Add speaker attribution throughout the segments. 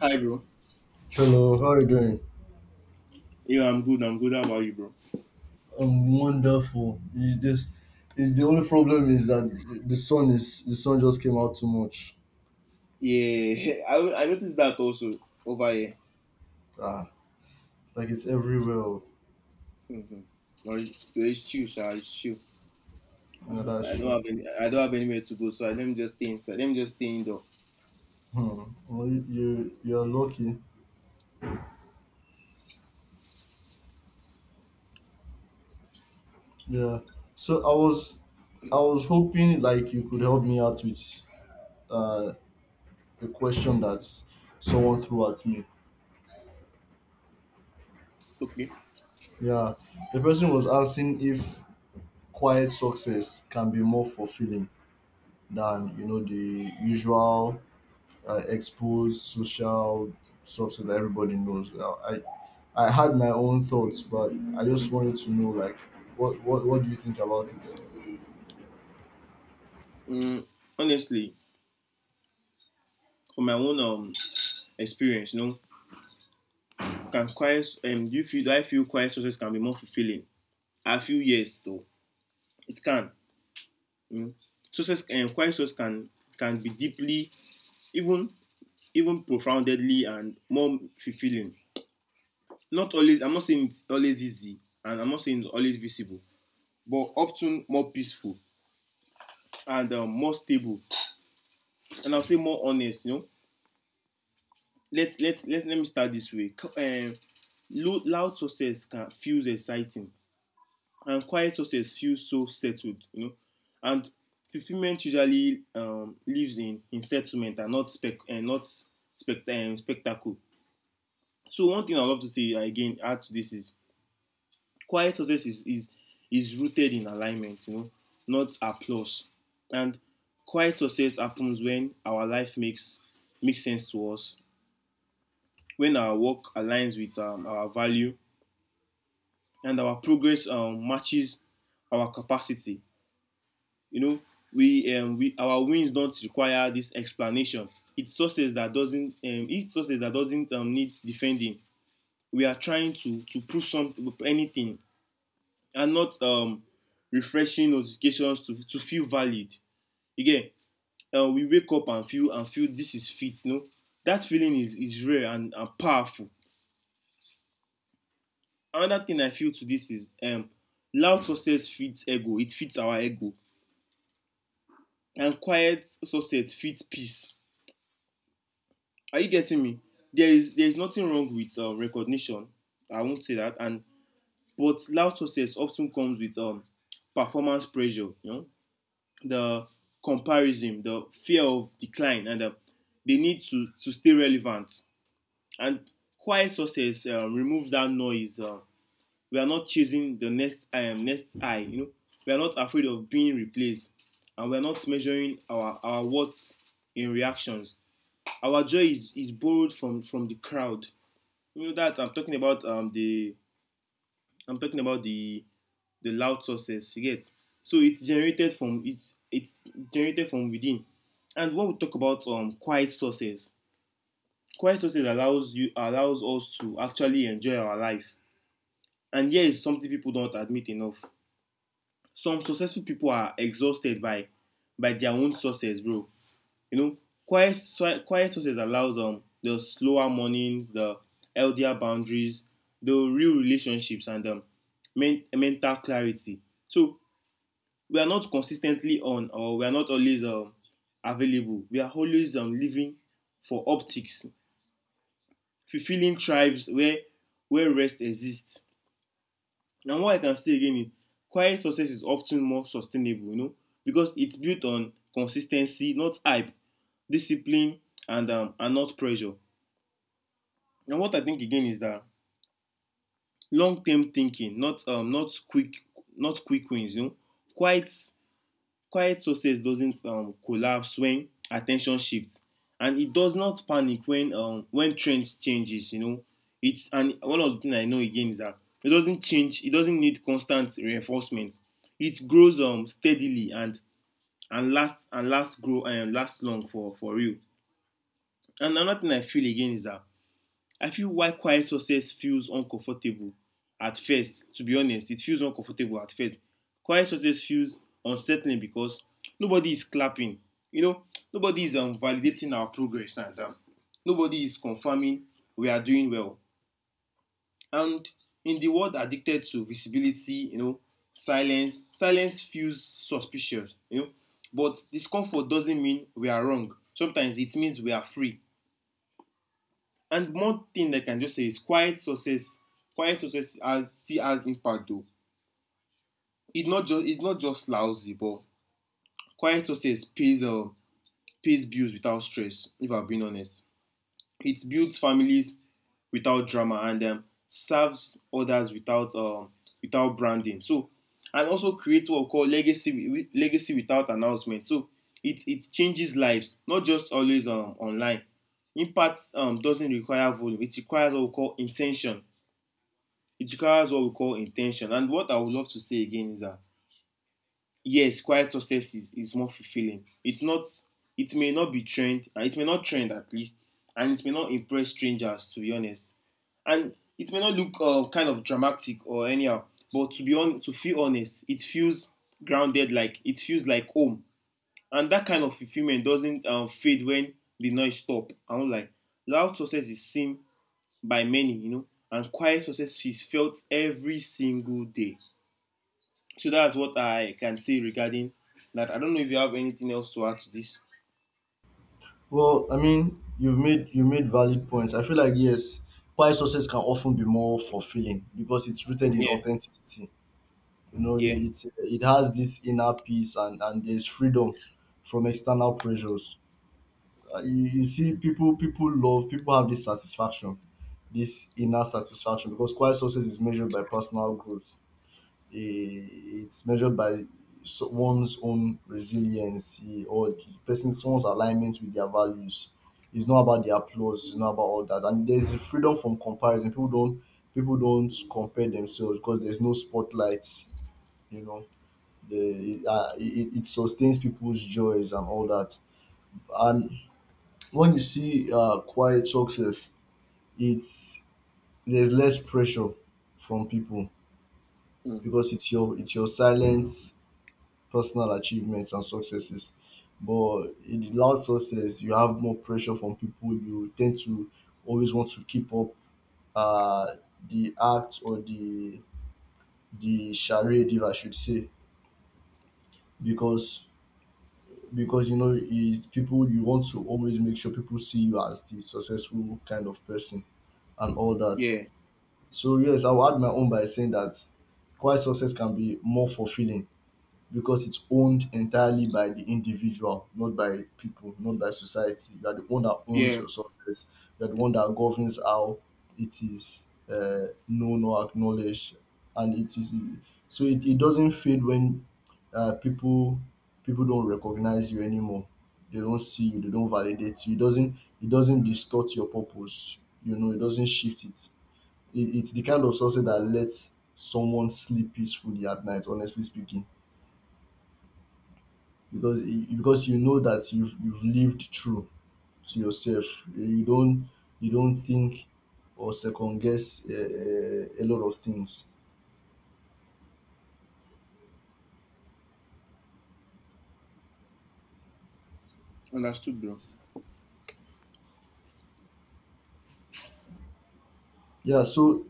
Speaker 1: Hi, bro.
Speaker 2: Hello, how are you doing?
Speaker 1: Yeah, I'm good. I'm good. How about you, bro?
Speaker 2: I'm wonderful. It's the only problem is that the sun just came out too much.
Speaker 1: Yeah, I noticed that also over here.
Speaker 2: Ah, it's like it's everywhere. Oh.
Speaker 1: Mm-hmm. It's chill, sha. It's chill.
Speaker 2: No, that's
Speaker 1: I don't
Speaker 2: true.
Speaker 1: have any. I don't have anywhere to go, so I, let me just stay inside. Let me just stay indoor.
Speaker 2: Hmm. Well, you're lucky. Yeah. So I was I was hoping like you could help me out with uh a question that someone threw at me.
Speaker 1: Okay.
Speaker 2: Yeah. The person was asking if quiet success can be more fulfilling than the usual exposed social sources that everybody knows. Now, I had my own thoughts, but I just wanted to know like what do you think about it?
Speaker 1: Mm, honestly, from my own experience, you know, can quiet do you feel do I feel quiet sources can be more fulfilling? I feel yes, though it can. Mm. Sources, quiet sources can be deeply, even even profoundly and more fulfilling. Not always, I'm not saying it's always easy, and I'm not saying it's always visible, but often more peaceful and, more stable, and I'll say more honest. You know, let me start this way. Loud success can feels exciting, and quiet success feels so settled. You know, and fulfillment usually, lives in settlement and not spectacle. So one thing I love to say again add to this is quiet success is rooted in alignment, you know, not applause. And quiet success happens when our life makes sense to us, when our work aligns with, our value, and our progress, matches our capacity. You know, we our wins don't require this explanation. It's success that doesn't, need defending. We are trying to prove something, anything and not, refreshing notifications to feel valid. Again, we wake up and feel this is fit. You know, that feeling is rare and powerful. Another thing I feel to this is, loud success feeds ego. It feeds our ego, and quiet success feeds peace. Are you getting me? There is nothing wrong with, recognition. I won't say that. And But loud success often comes with, performance pressure. You know, the comparison, the fear of decline, and, they need to stay relevant. And quiet success, remove that noise. We are not chasing the next I. You know, we are not afraid of being replaced, and we are not measuring our worth in reactions. Our joy is borrowed from the crowd. You know that I'm talking about the I'm talking about the loud sources you get so it's generated from within. And when we talk about quiet sources, allows us to actually enjoy our life. And here is something people don't admit enough: some successful people are exhausted by their own sources, bro. You know, quiet quiet sources allows the slower mornings, the healthier boundaries, the real relationships, and mental clarity. So we are not consistently on, or we are not always, available. We are always, living for optics, fulfilling tribes where rest exists. And what I can say again is quiet success is often more sustainable, you know, because it's built on consistency, not hype, discipline, and, not pressure. And what I think again is that long-term thinking, not, not quick wins, you know, quite quiet success doesn't, collapse when attention shifts, and it does not panic when, when trend changes. You know, it's and one of the things I know again is that it doesn't change. It doesn't need constant reinforcement. It grows, steadily and lasts grow and lasts long for real. And another thing I feel again is that I feel why quiet success feels uncomfortable at first. To be honest, it feels uncomfortable at first. Quiet success feels unsettling because nobody is clapping. You know, nobody is, validating our progress, and, nobody is confirming we are doing well. And in the world addicted to visibility, you know, silence feels suspicious, you know. But discomfort doesn't mean we are wrong. Sometimes it means we are free. And one thing I can just say is quiet success has still has impact though. It's not just lousy, but quiet success pays, pays bills without stress. If I'm being honest, it builds families without drama, and, serves others without, without branding. So, and also creates what we call legacy without announcement. So it changes lives, not just always, online. Impact, doesn't require volume; it requires what we call intention. It requires what we call intention. And what I would love to say again is that yes, quiet is more fulfilling. It may not be trend, it may not trend at least, and it may not impress strangers, to be honest. And it may not look, kind of dramatic or anyhow, but to be on to feel honest, it feels grounded, like it feels like home. And that kind of fulfillment doesn't, fade when the noise stop. I'm like loud success is seen by many, you know, and quiet success is felt every single day. So that's what I can say regarding that. I don't know if you have anything else to add to this.
Speaker 2: Well, I mean, you made valid points. I feel like yes, pie sources can often be more fulfilling because it's rooted in
Speaker 1: Yeah,
Speaker 2: authenticity. You know,
Speaker 1: yeah,
Speaker 2: it has this inner peace, and there's freedom from external pressures. You see people have this satisfaction, this inner satisfaction, because quiet success is measured by personal growth. Eh, it's measured by one's own resiliency, or the person someone's alignment with their values. It's not about the applause, it's not about all that. And there's a freedom from comparison. People don't compare themselves because there's no spotlight, you know. It it sustains people's joys and all that. And when you see quiet success, it's there's less pressure from people
Speaker 1: mm,
Speaker 2: because it's your silent personal achievements and successes. But in the loud success, you have more pressure from people. You tend to always want to keep up uh, the act, or the charade, if I should say, because you know it's people, you want to always make sure people see you as the successful kind of person and all that.
Speaker 1: yeah,
Speaker 2: So yes, I will add my own by saying that quiet success can be more fulfilling because it's owned entirely by the individual, not by people, not by society. You are the one that owns
Speaker 1: yeah.
Speaker 2: your success. You are the one that governs how it is known or acknowledged, and it is so it doesn't fade when people, people don't recognize you anymore. They don't see you. They don't validate you. It doesn't distort your purpose. You know, it doesn't shift it it it's the kind of success that lets someone sleep peacefully at night, honestly speaking, because you know that you've lived true to yourself. you don't you don't think or second guess a lot of things.
Speaker 1: Understood, bro.
Speaker 2: Yeah, so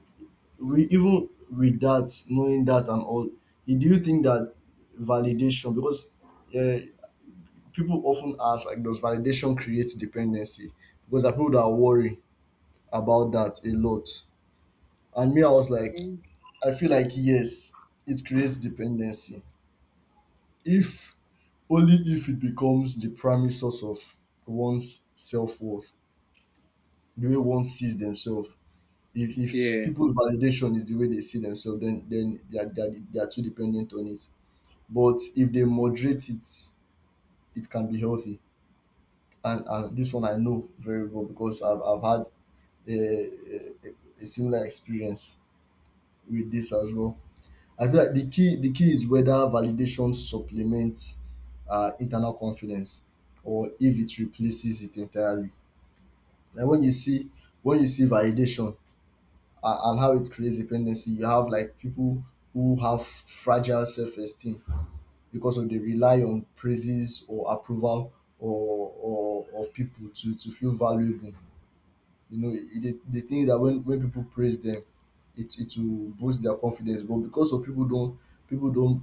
Speaker 2: we, even with that, knowing that and all, eh, do you think that validation, because uh, people often ask like, does validation create dependency, because there are people that worry about that a lot. And me, I was like, I feel like yes, it creates dependency. If, only if it becomes the primary source of one's self worth, the way one sees themselves. If
Speaker 1: Yeah,
Speaker 2: people's validation is the way they see themselves, then they are, they are too dependent on it. But if they moderate it, it can be healthy. And this one I know very well because I've had a similar experience with this as well. I feel like the key is whether validation supplements internal confidence or if it replaces it entirely. Like when you see validation, and how it creates dependency, you have like people who have fragile self esteem because of they rely on praises or approval, or of people to feel valuable. You know, e dey, the thing is that when people praise them, it will boost their confidence. But because of people don't, people don't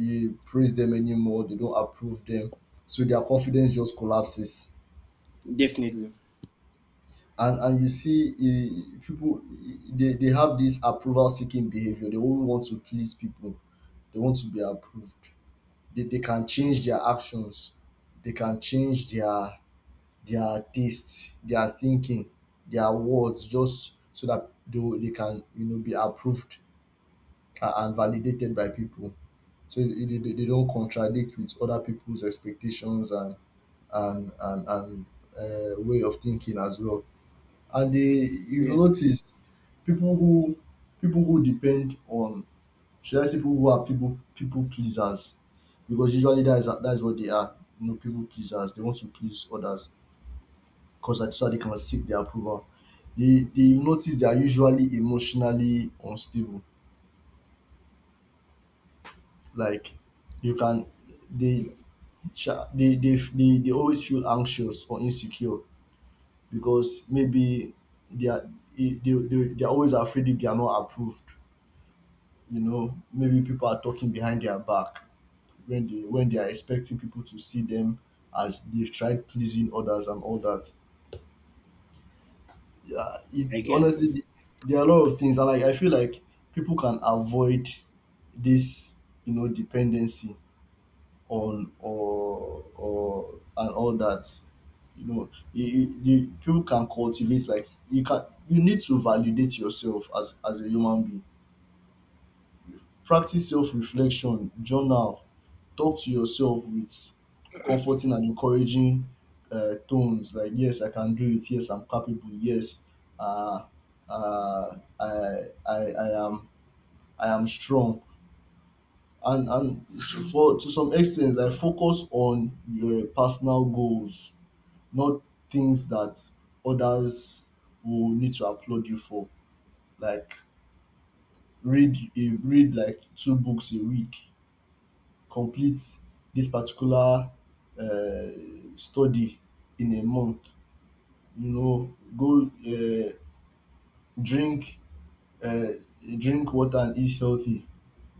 Speaker 2: eh, praise them anymore, they don't approve them, so their confidence just collapses.
Speaker 1: definitely.
Speaker 2: And you see, eh, people, eh, they have this approval seeking behavior. They only want to please people. They want to be approved. They can change their actions. They can change their tastes, their thinking, their words, just so that they can, you know, be approved and validated by people. So they don't contradict with other people's expectations and and way of thinking as well. And you
Speaker 1: Yeah,
Speaker 2: will notice people who, depend on, should I say, people who are people pleasers, because usually that is what they are. You know, people pleasers. They want to please others because that's so they can seek their approval. They, you notice they are usually emotionally unstable. Like you can they sha- they always feel anxious or insecure because maybe they are they, they are always afraid if they are not approved. You know, maybe people are talking behind their back when they are expecting people to see them as they've tried pleasing others and all that. Yeah,
Speaker 1: I
Speaker 2: it's
Speaker 1: get.
Speaker 2: honestly there are a lot of things. I like, I feel like people can avoid this, you know, dependency on, or and all that. You know, you- people can cultivate, like you can. You need to validate yourself as a human being. Practice self-reflection, journal, talk to yourself with comforting and encouraging tones, like, yes I can do it, yes I'm capable, yes, uh, I am, I am strong. And for, to some extent, like focus on your personal goals, not things that others will need to applaud you for. Like read, a read like two books a week, complete this particular uh, study in a month. You know, go drink uh, drink water and eat healthy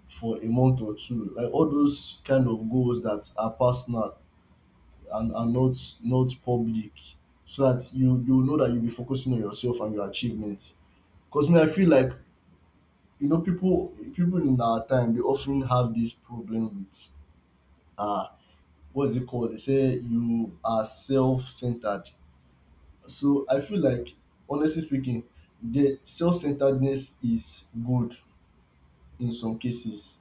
Speaker 2: for a month or two. Like all those kind of goals that are personal and are not, not public, so that you know that you'll be focusing on yourself and your achievements. Because me, I feel like, you know, people in our time they often have this problem with. Uh, what's it called? They say you are self-centered. So I feel like, honestly speaking, the self-centeredness is good in some cases,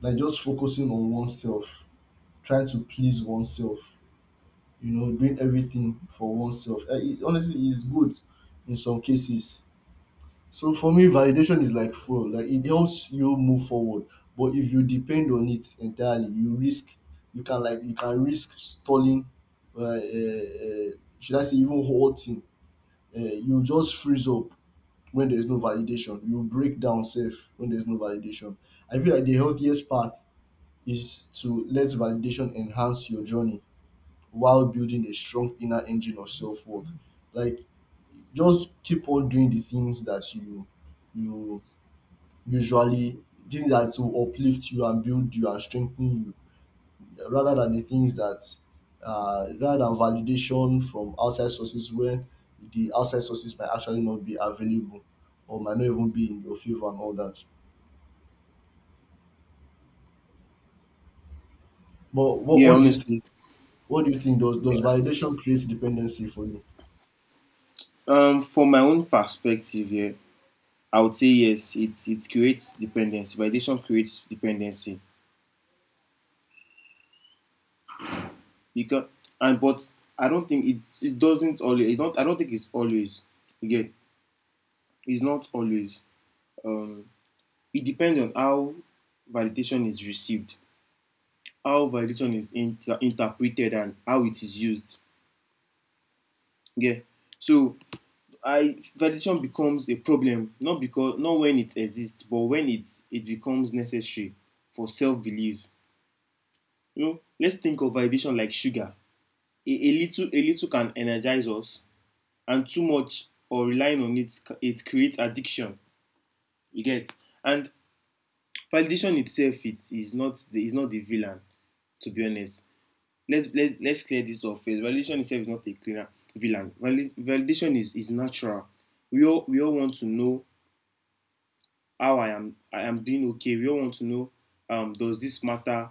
Speaker 2: like just focusing on oneself, trying to please oneself, you know, doing everything for oneself. Eh, it, honestly, it's good in some cases. So for me, validation is like fuel. Like it helps you move forward. But if you depend on it entirely, you risk, you can risk stalling. Uh, uh, uh, should I say even halting? You just freeze up when there is no validation. You break down safe when there is no validation. I feel like the healthiest path is to let validation enhance your journey while building a strong inner engine of self worth. Like just keep on doing the things that you usually, things that will uplift you and build you and strengthen you, yeah, rather than the things that, rather than validation from outside sources where the outside sources might actually not be available or might not even be in your favor and all that. But
Speaker 1: Yeah,
Speaker 2: what do you think?
Speaker 1: honestly.
Speaker 2: What do you think? Does validation create dependency for you?
Speaker 1: From my own perspective, yeah, I would say yes. It creates dependency. Validation creates dependency because and but I don't think it it doesn't always. It not. I don't think it's always. Again, it's not always. um, it depends on how validation is received, how validation is interpreted, and how it is used. Yeah. So I validation becomes a problem not when it exists, but when it becomes necessary for self belief. You know, let's think of validation like sugar. A little can energize us, and too much or relying on it creates addiction. You get. And validation itself it is not the villain, to be honest. Let's clear this off first. Validation itself is not a cleaner villain. Validation is natural. We all want to know how I am doing okay. We all want to know, does this matter?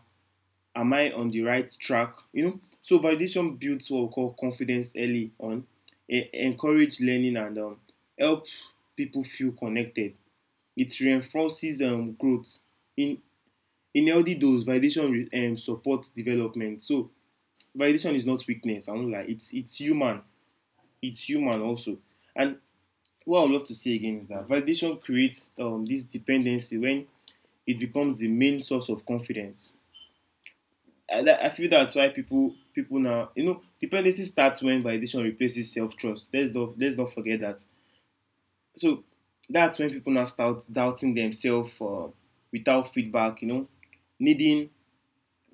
Speaker 1: Am I on the right track? You know. So validation builds what we call confidence early on, encourage learning and, help people feel connected. It reinforces, growth. In in healthy dose, validation supports development. So validation is not weakness. I won't lie. It's human. It's human also. And what I would love to say again is that validation creates, this dependency when it becomes the main source of confidence. I feel that's why people now, you know, dependency starts when validation replaces self trust. Let's not forget that. So that's when people now start doubting themselves, without feedback. You know, needing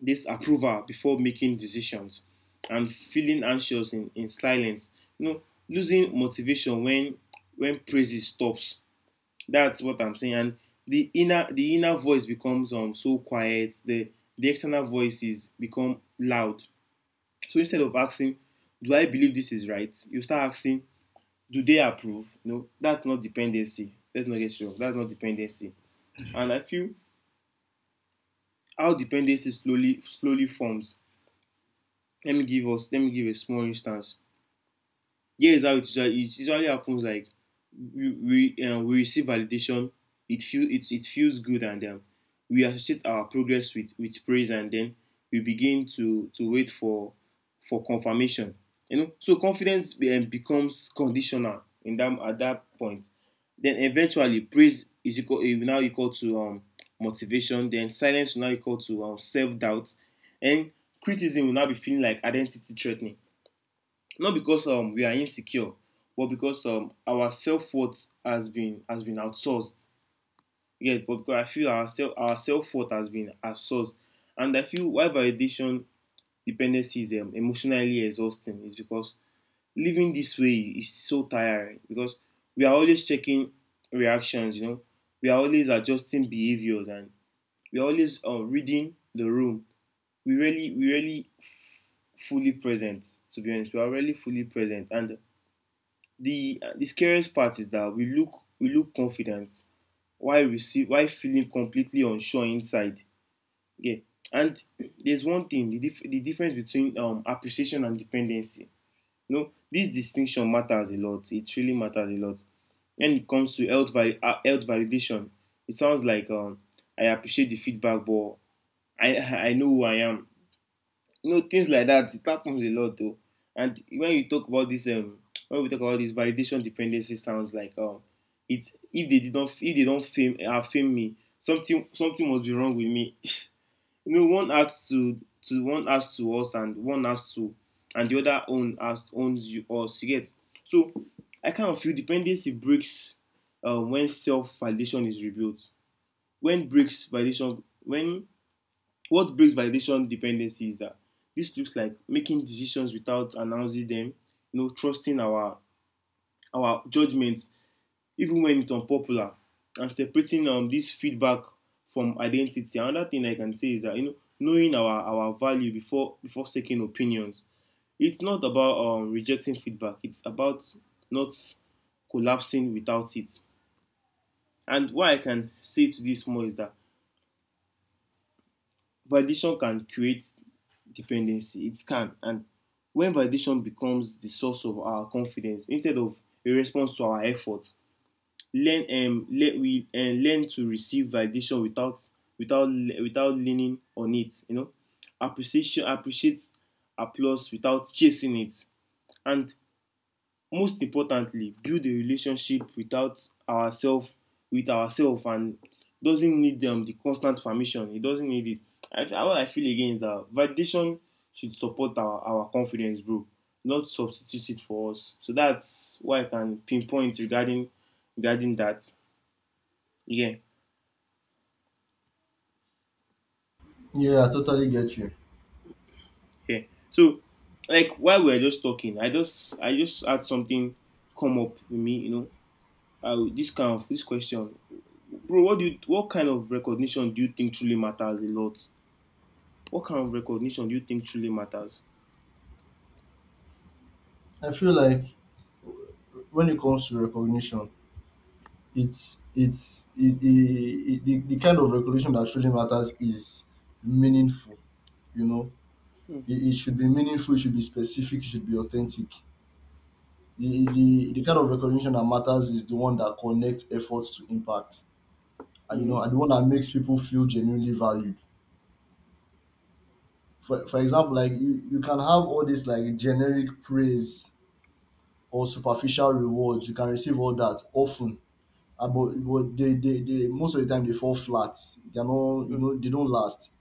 Speaker 1: this approval before making decisions and feeling anxious in silence. You know, losing motivation when praises stops. That's what I'm saying. And the inner voice becomes, so quiet. The external voices become loud. So instead of asking, "Do I believe this is right?" you start asking, "Do they approve?" You know, that's not dependency. Let's not get wrong. That's not dependency. And I feel how dependency slowly forms. Let me give us. Let me give a small instance. Yeah, is how it usually happens. Like we we receive validation, it feels good, and, we associate our progress with praise, and then we begin to wait for confirmation. You know, so confidence becomes conditional in that at that point. Then eventually, praise is equal, eh, now equal to, motivation. Then silence will now equal to, self doubt, and criticism will now be feeling like identity threatening, not because, we are insecure, but because, our self worth has been outsourced. Yeah, but because I feel our self worth has been outsourced. And I feel why validation dependency is, emotionally exhausting is because living this way is so tiring, because we are always checking reactions. You know, we are always adjusting behaviors, and we are always, reading the room. We really fully present. To be honest, we are really fully present, and the scariest part is that we look confident while receive while feeling completely unsure inside. Okay. And there's one thing, the difference between, appreciation and dependency. You know, this distinction matters a lot. It really matters a lot. When it comes to health, health validation, it sounds like I appreciate the feedback, but I, I know who I am, you know, things like that. It happens a lot though. And when you talk about this when we talk about this validation dependency, sounds like it if they did not if they don't fame have fame me, something must be wrong with me. You know, one has to us and one has to, and the other own has owns you us, you get. So I kind of feel dependency breaks when self validation is rebuilt. When breaks validation when What breaks validation dependency is that this looks like making decisions without announcing them, you know, trusting our judgments even when it's unpopular, and separating this feedback from identity. Another thing I can say is that, you know, knowing our value before seeking opinions. It's not about rejecting feedback. It's about not collapsing without it. And what I can say to this more is that validation can create dependency. It can. And when validation becomes the source of our confidence instead of a response to our efforts, we learn to receive validation without without leaning on it. You know, appreciation appreciates applause without chasing it. And most importantly, build a relationship without ourselves with ourselves, and doesn't need the constant permission. It doesn't need it. What I feel again is that validation should support our confidence, bro, not substitute it for us. So that's why I can pinpoint regarding that. Yeah,
Speaker 2: Yeah, I totally get you.
Speaker 1: yeah. So, like, while we were just talking, I just had something come up with me, you know, this kind of this question, bro. What kind of recognition do you think truly matters a lot? What kind of recognition do you think truly matters?
Speaker 2: I feel like when it comes to recognition, it, the kind of recognition that truly matters is meaningful, you know. It should be meaningful, it should be specific, it should be authentic. The kind of recognition that matters is the one that connects efforts to impact, and, you know,
Speaker 1: Mm-hmm.
Speaker 2: and the one that makes people feel genuinely valued. For example, like you can have all this like generic praise or superficial rewards. You can receive all that often, but they most of the time they fall flat. They're not, you know, they don't last.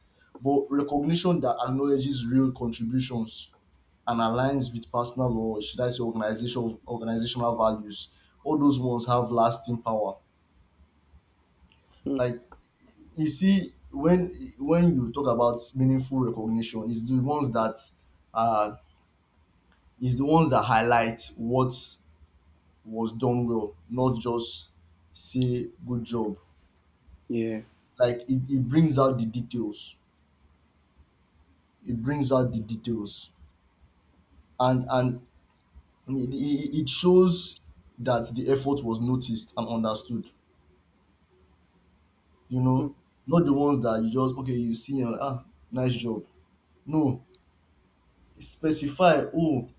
Speaker 2: But recognition that acknowledges real contributions and aligns with personal, or should I say, organizational, organizational values, all those ones have lasting power.
Speaker 1: Mm-hmm.
Speaker 2: Like you see, when you talk about meaningful recognition, it's the ones that uh it's the ones that highlight what was done well, not just say good job.
Speaker 1: Yeah.
Speaker 2: Like it brings out the details. It brings out the details. And it it shows that the effort was noticed and understood, you know, not the ones that you just, okay you see and, ah, nice job, no, specify. Oh,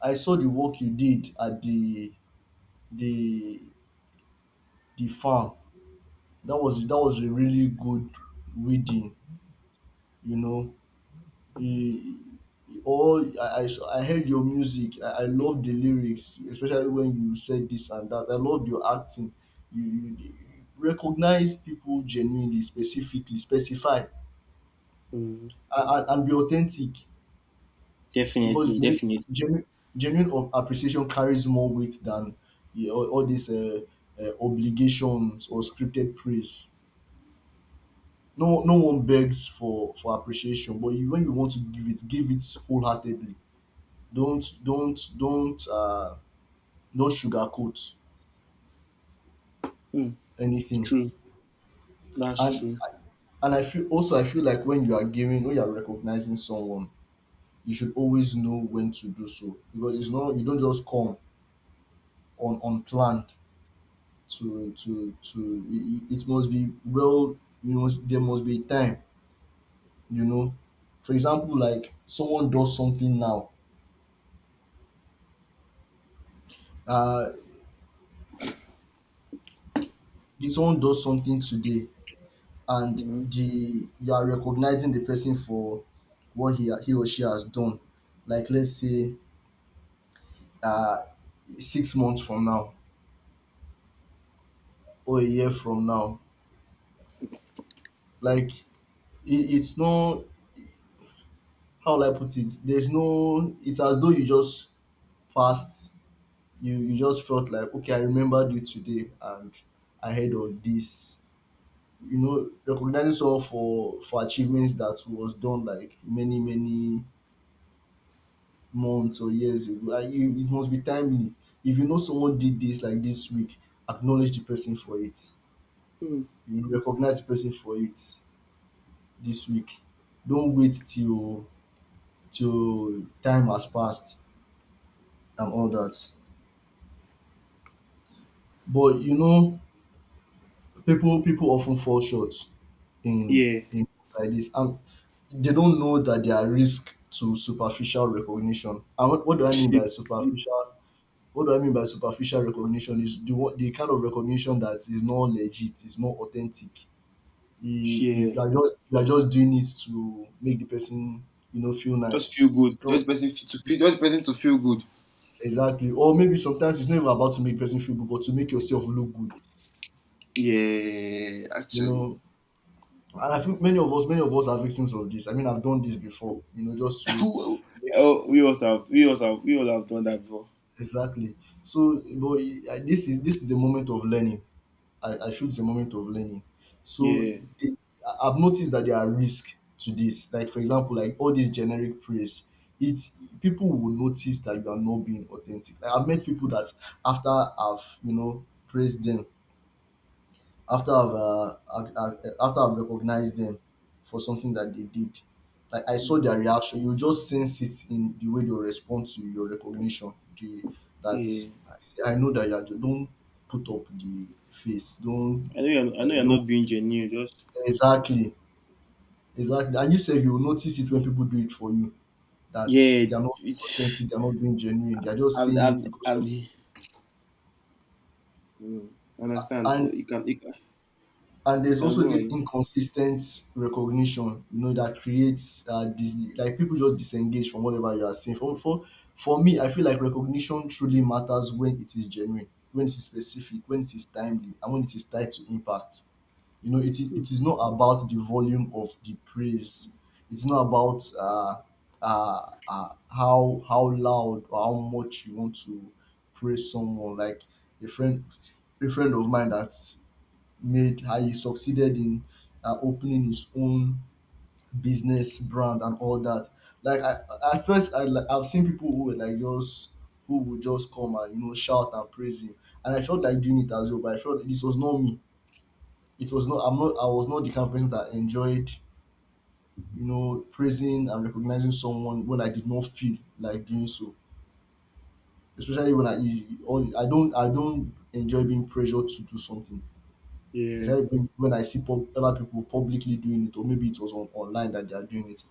Speaker 2: I saw the work you did at the the farm, that was a really good reading, you know, e, or I, I heard your music, I love the lyrics especially when you said this and that. I love your acting. You recognize people genuinely, specifically, specify
Speaker 1: Mm-hmm.
Speaker 2: and be authentic. Because
Speaker 1: Definitely, definitely.
Speaker 2: genuine, genuine of appreciation carries more weight than, yeah, all these obligations or scripted praise. No, no one begs for appreciation, but you, when you want to give it wholeheartedly. Don't don't sugarcoat
Speaker 1: Mm.
Speaker 2: anything.
Speaker 1: True, that's
Speaker 2: And
Speaker 1: true.
Speaker 2: and I feel also, I feel like when you are giving, when you are recognizing someone, you should always know when to do so, because it's not, you don't just come on unplanned to it. It must be well, you must, there must be time, you know. For example, like someone does something now, uh if someone does something today and
Speaker 1: Mm-hmm.
Speaker 2: the you are recognizing the person for what he or she has done, like let's say, uh 6 months from now or a year from now, like it, it's not, how will I put it, there's no, it's as though you just passed, you just felt like okay, I remembered you today, and I heard of this, you know, recognizing someone for achievements that was done like many many months or years ago, and it must be timely. If you know someone did this like this week, acknowledge the person for it,
Speaker 1: Mm.
Speaker 2: you know, recognize the person for it this week. Don't wait till till time has passed and all that. But you know, people often fall short
Speaker 1: Yeah,
Speaker 2: in like this, and they don't know that they are risk to superficial recognition. And what do I mean by superficial what do I mean by superficial recognition is the one, the kind of recognition that is not legit, is not authentic. You
Speaker 1: yeah.
Speaker 2: are just, you are just doing it to make the person, you know, feel
Speaker 1: Just feel
Speaker 2: nice. It's
Speaker 1: good.
Speaker 2: not.
Speaker 1: Just person to feel good.
Speaker 2: Exactly. Or maybe sometimes it's not even about to make the person feel good, but to make yourself look good,
Speaker 1: Yeah,
Speaker 2: you
Speaker 1: actually.
Speaker 2: know. And I think many of us are victims of this. I mean, I've done this before, you know, just to.
Speaker 1: Who- Oh, we also have, we all have done that before.
Speaker 2: Exactly. So, this is, this is a moment of learning. I feel it's a moment of learning. So,
Speaker 1: Yeah,
Speaker 2: the, I've noticed that there are risks to this. Like, for example, like all these generic praise, it's, people will notice that you are not being authentic. Like, I've met people that after I've, you know, praised them, after I've, I after I've recognized them for something that they did. Like, I saw
Speaker 1: mm,
Speaker 2: their reaction. You just sense it in the way they respond to your recognition. The, that
Speaker 1: yeah.
Speaker 2: I say, I know that you are, don't put up the face. Don't,
Speaker 1: I know
Speaker 2: like,
Speaker 1: you're
Speaker 2: don't,
Speaker 1: not being genuine. Just
Speaker 2: exactly, exactly. And you say, you will notice it when people do it for you, that
Speaker 1: yeah,
Speaker 2: they are not
Speaker 1: it's,
Speaker 2: authentic. They are not being genuine. They are just
Speaker 1: I've,
Speaker 2: saying it
Speaker 1: I've,
Speaker 2: because
Speaker 1: I've
Speaker 2: of.
Speaker 1: mm, understand.
Speaker 2: and
Speaker 1: But
Speaker 2: and
Speaker 1: you
Speaker 2: there's
Speaker 1: can
Speaker 2: also
Speaker 1: go
Speaker 2: this
Speaker 1: on.
Speaker 2: inconsistent recognition, you know, that creates this, like people just disengage from whatever you are saying for, for me. I feel like recognition truly matters when it is genuine, when it is specific, when it is timely, and when it is tied to impact. You know, it is not about the volume of the praise. It's not about how loud or how much you want to praise someone. Like a friend, a friend of mine that made, how he succeeded in, opening his own business brand and all that. Like at first I've seen people who were like just, who would just come and, you know, shout and praise him. And I felt like doing it as well, but I felt this was not me. It was not, I'm not, I was not the kind of person that enjoyed, you know, praising and recognizing someone when I did not feel like doing so, especially when I, all, I don't enjoy being pressured to do something,
Speaker 1: Yeah.
Speaker 2: especially when I see pub, other people publicly doing it, or maybe it was on, online that they are doing it.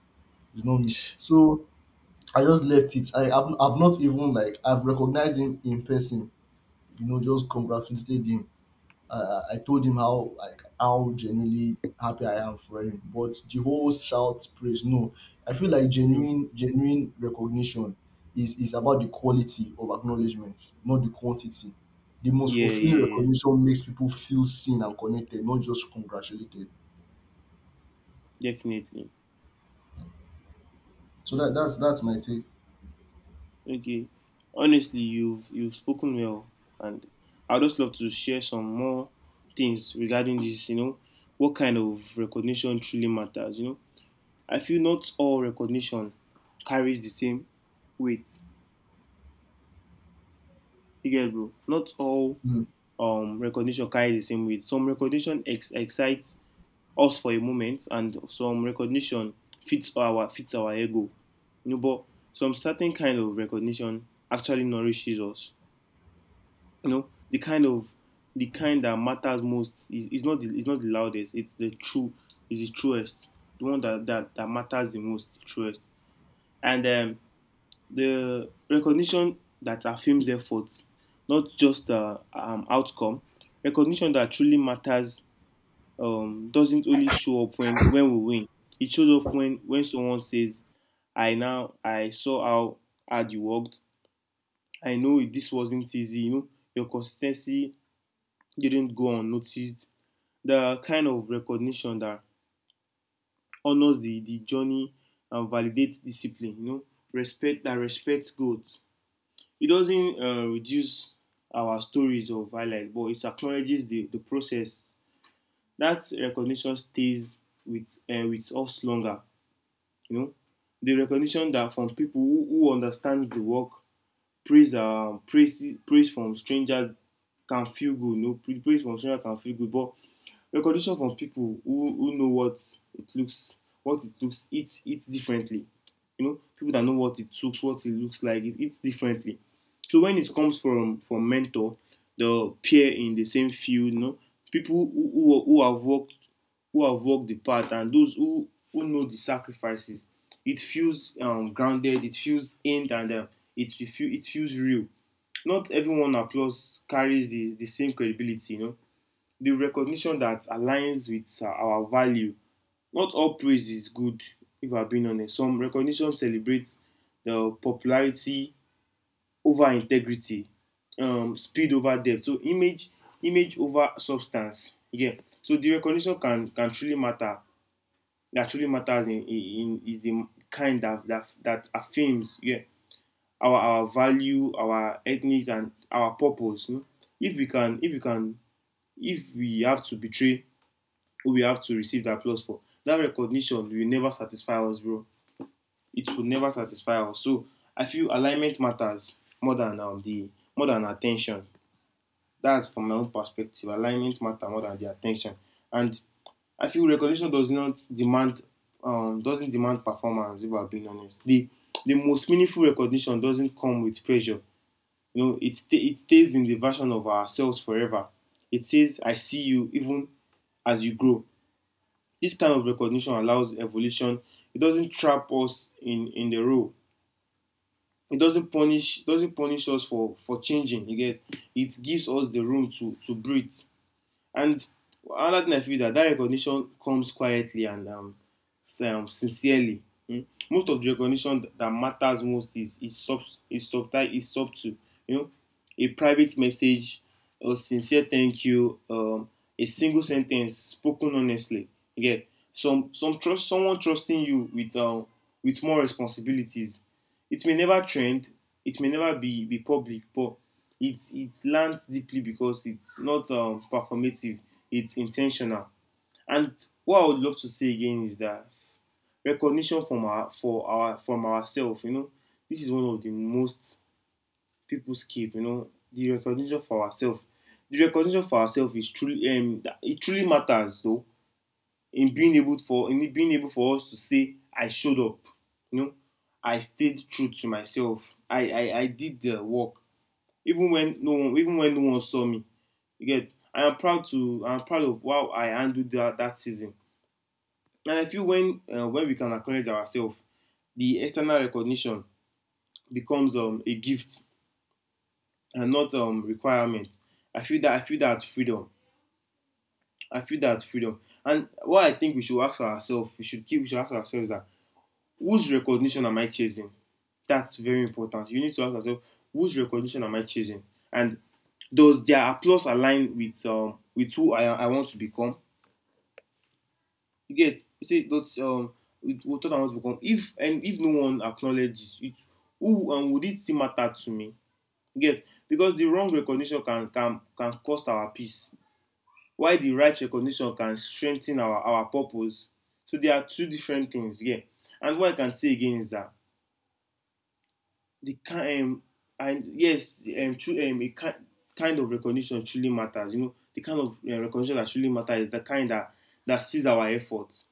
Speaker 2: It's not me. So I just left it. I've not even, like, I've recognized him in person. You know, just congratulated him, I told him how, like how genuinely happy I am for him, but the whole shout praise. No, I feel like
Speaker 1: Mm.
Speaker 2: genuine recognition is about the quality of acknowledgement, not the quantity. The most fulfilling
Speaker 1: Yeah,
Speaker 2: recognition makes people feel seen and connected, not just congratulated.
Speaker 1: Definitely.
Speaker 2: So that's that's my take.
Speaker 1: Okay. Honestly, you've spoken well, and I'd just love to share some more things regarding this. You know, what kind of recognition truly matters. You know, I feel not all recognition carries the same weight. You get it, bro. Not all
Speaker 2: Mm.
Speaker 1: recognition carries the same weight. Some recognition excites us for a moment, and some recognition fits our ego. You know, but some certain kind of recognition actually nourishes us. You know, the kind that matters most is, is not the loudest. It's the true is the truest, the one that matters the most, the truest. And the recognition that affirms efforts, not just outcome. Recognition that truly matters doesn't only show up when we win. It shows up when someone says, I saw how hard you worked. This wasn't easy. You know your consistency didn't go unnoticed." The kind of recognition that honors the journey and validates discipline. You know, respects goals. It doesn't reduce our stories of highlight, but it acknowledges the process. That recognition stays with us longer. You know, the recognition that from people who understands the work, praise from strangers can feel good. You no know? Praise from strangers can feel good, but recognition from people who know it looks what it looks, it differently. You know, people that know what it looks like, it's differently. So when it comes from mentor, the peer in the same field, you know, people who have worked, who have walked the path, and those who know the sacrifices, it feels grounded, it feels aimed and it feels real. Not everyone applause carries the same credibility, you know, the recognition that aligns with our value. Not all praise is good, if I have been honest. Some recognition celebrates the popularity over integrity, speed over depth. So image, image over substance. Again, so the recognition can truly matter. That truly matters in is the kind that, that affirms, yeah, our value, our ethnic and our purpose. You know? If we can, if we have to betray, we have to receive the applause for. That recognition will never satisfy us, bro. It will never satisfy us. So I feel alignment matters more than the more than attention. That's from my own perspective. Alignment matters more than the attention. And I feel recognition doesn't demand performance. If I'm being honest, the most meaningful recognition doesn't come with pressure. You know, it stays in the version of ourselves forever. It says, "I see you even as you grow." This kind of recognition allows evolution. It doesn't trap us in the role. It doesn't punish. Doesn't punish us for changing. You get. It gives us the room to breathe. And another thing I feel is that that recognition comes quietly and sincerely. Mm. Most of the recognition that matters most is sub is subtle, is subtle. You know, a private message, a sincere thank you, a single sentence spoken honestly. Yeah, some trust, someone trusting you with more responsibilities. It may never trend, it may never be, be public, but it lands deeply because it's not performative, it's intentional. And what I would love to say again is that recognition from our for our from ourselves, you know, this is one of the most people skip, you know, the recognition for ourselves. The recognition for ourselves is truly it truly matters though, in being able for us to say, I showed up. You know, I stayed true to myself. I did the work even when no one, even when no one saw me. You get. I am proud of how I handled that season. And I feel when we can acknowledge ourselves, the external recognition becomes a gift and not requirement. I feel that freedom. I feel that freedom. And what I think we should ask ourselves, we should ask ourselves that, whose recognition am I chasing? That's very important. You need to ask yourself, whose recognition am I chasing? And does their applause align with who I want to become? You get, you see, that's with what I want to become. If no one acknowledges it, who and would it still matter to me? You get, because the wrong recognition can cost our peace. Why the right recognition can strengthen our purpose. So there are two different things. Yeah. And what I can say again is that the kind and yes true a ki- kind of recognition truly matters. You know, the kind of recognition that truly matters is the kind that that sees our efforts,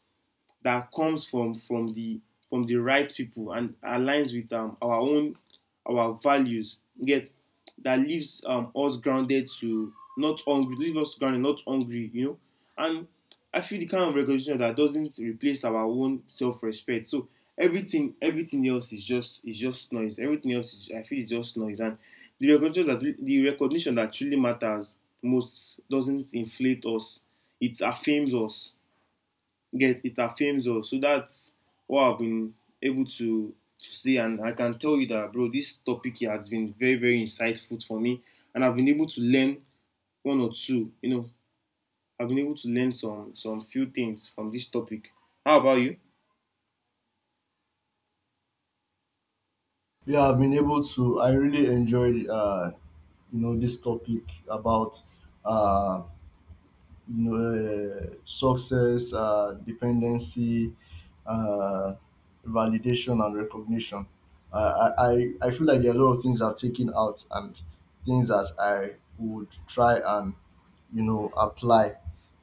Speaker 1: that comes from from the right people and aligns with our values. Get, that leaves us grounded, to not hungry, leave us grounded, not hungry. You know, and I feel the kind of recognition that doesn't replace our own self-respect. So everything else is just noise. Everything else is, I feel, is just noise. And the recognition that truly matters most doesn't inflate us. It affirms us, get, it affirms us. So that's what I've been able to see, and I can tell you that, bro, this topic here has been very insightful for me, and I've been able to learn one or two. You know, I've been able to learn some few things from this topic. How about you?
Speaker 2: Yeah, I've been able to. I really enjoyed, you know, this topic about. Uh. You know, success, dependency, uh, validation, and recognition. Uh, I, I I feel like there are a lot of things I've taken out, and things that I would try and, you know, apply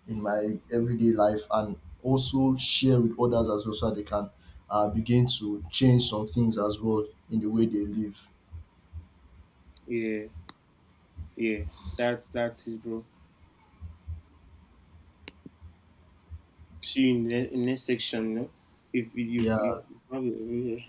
Speaker 2: in my everyday life and also share with others as well, so that they can, begin to change some things as well in the way they live.
Speaker 1: Yeah, yeah. That's it, bro. See you in the next section. You know, if you
Speaker 2: Yeah.
Speaker 1: if yeah.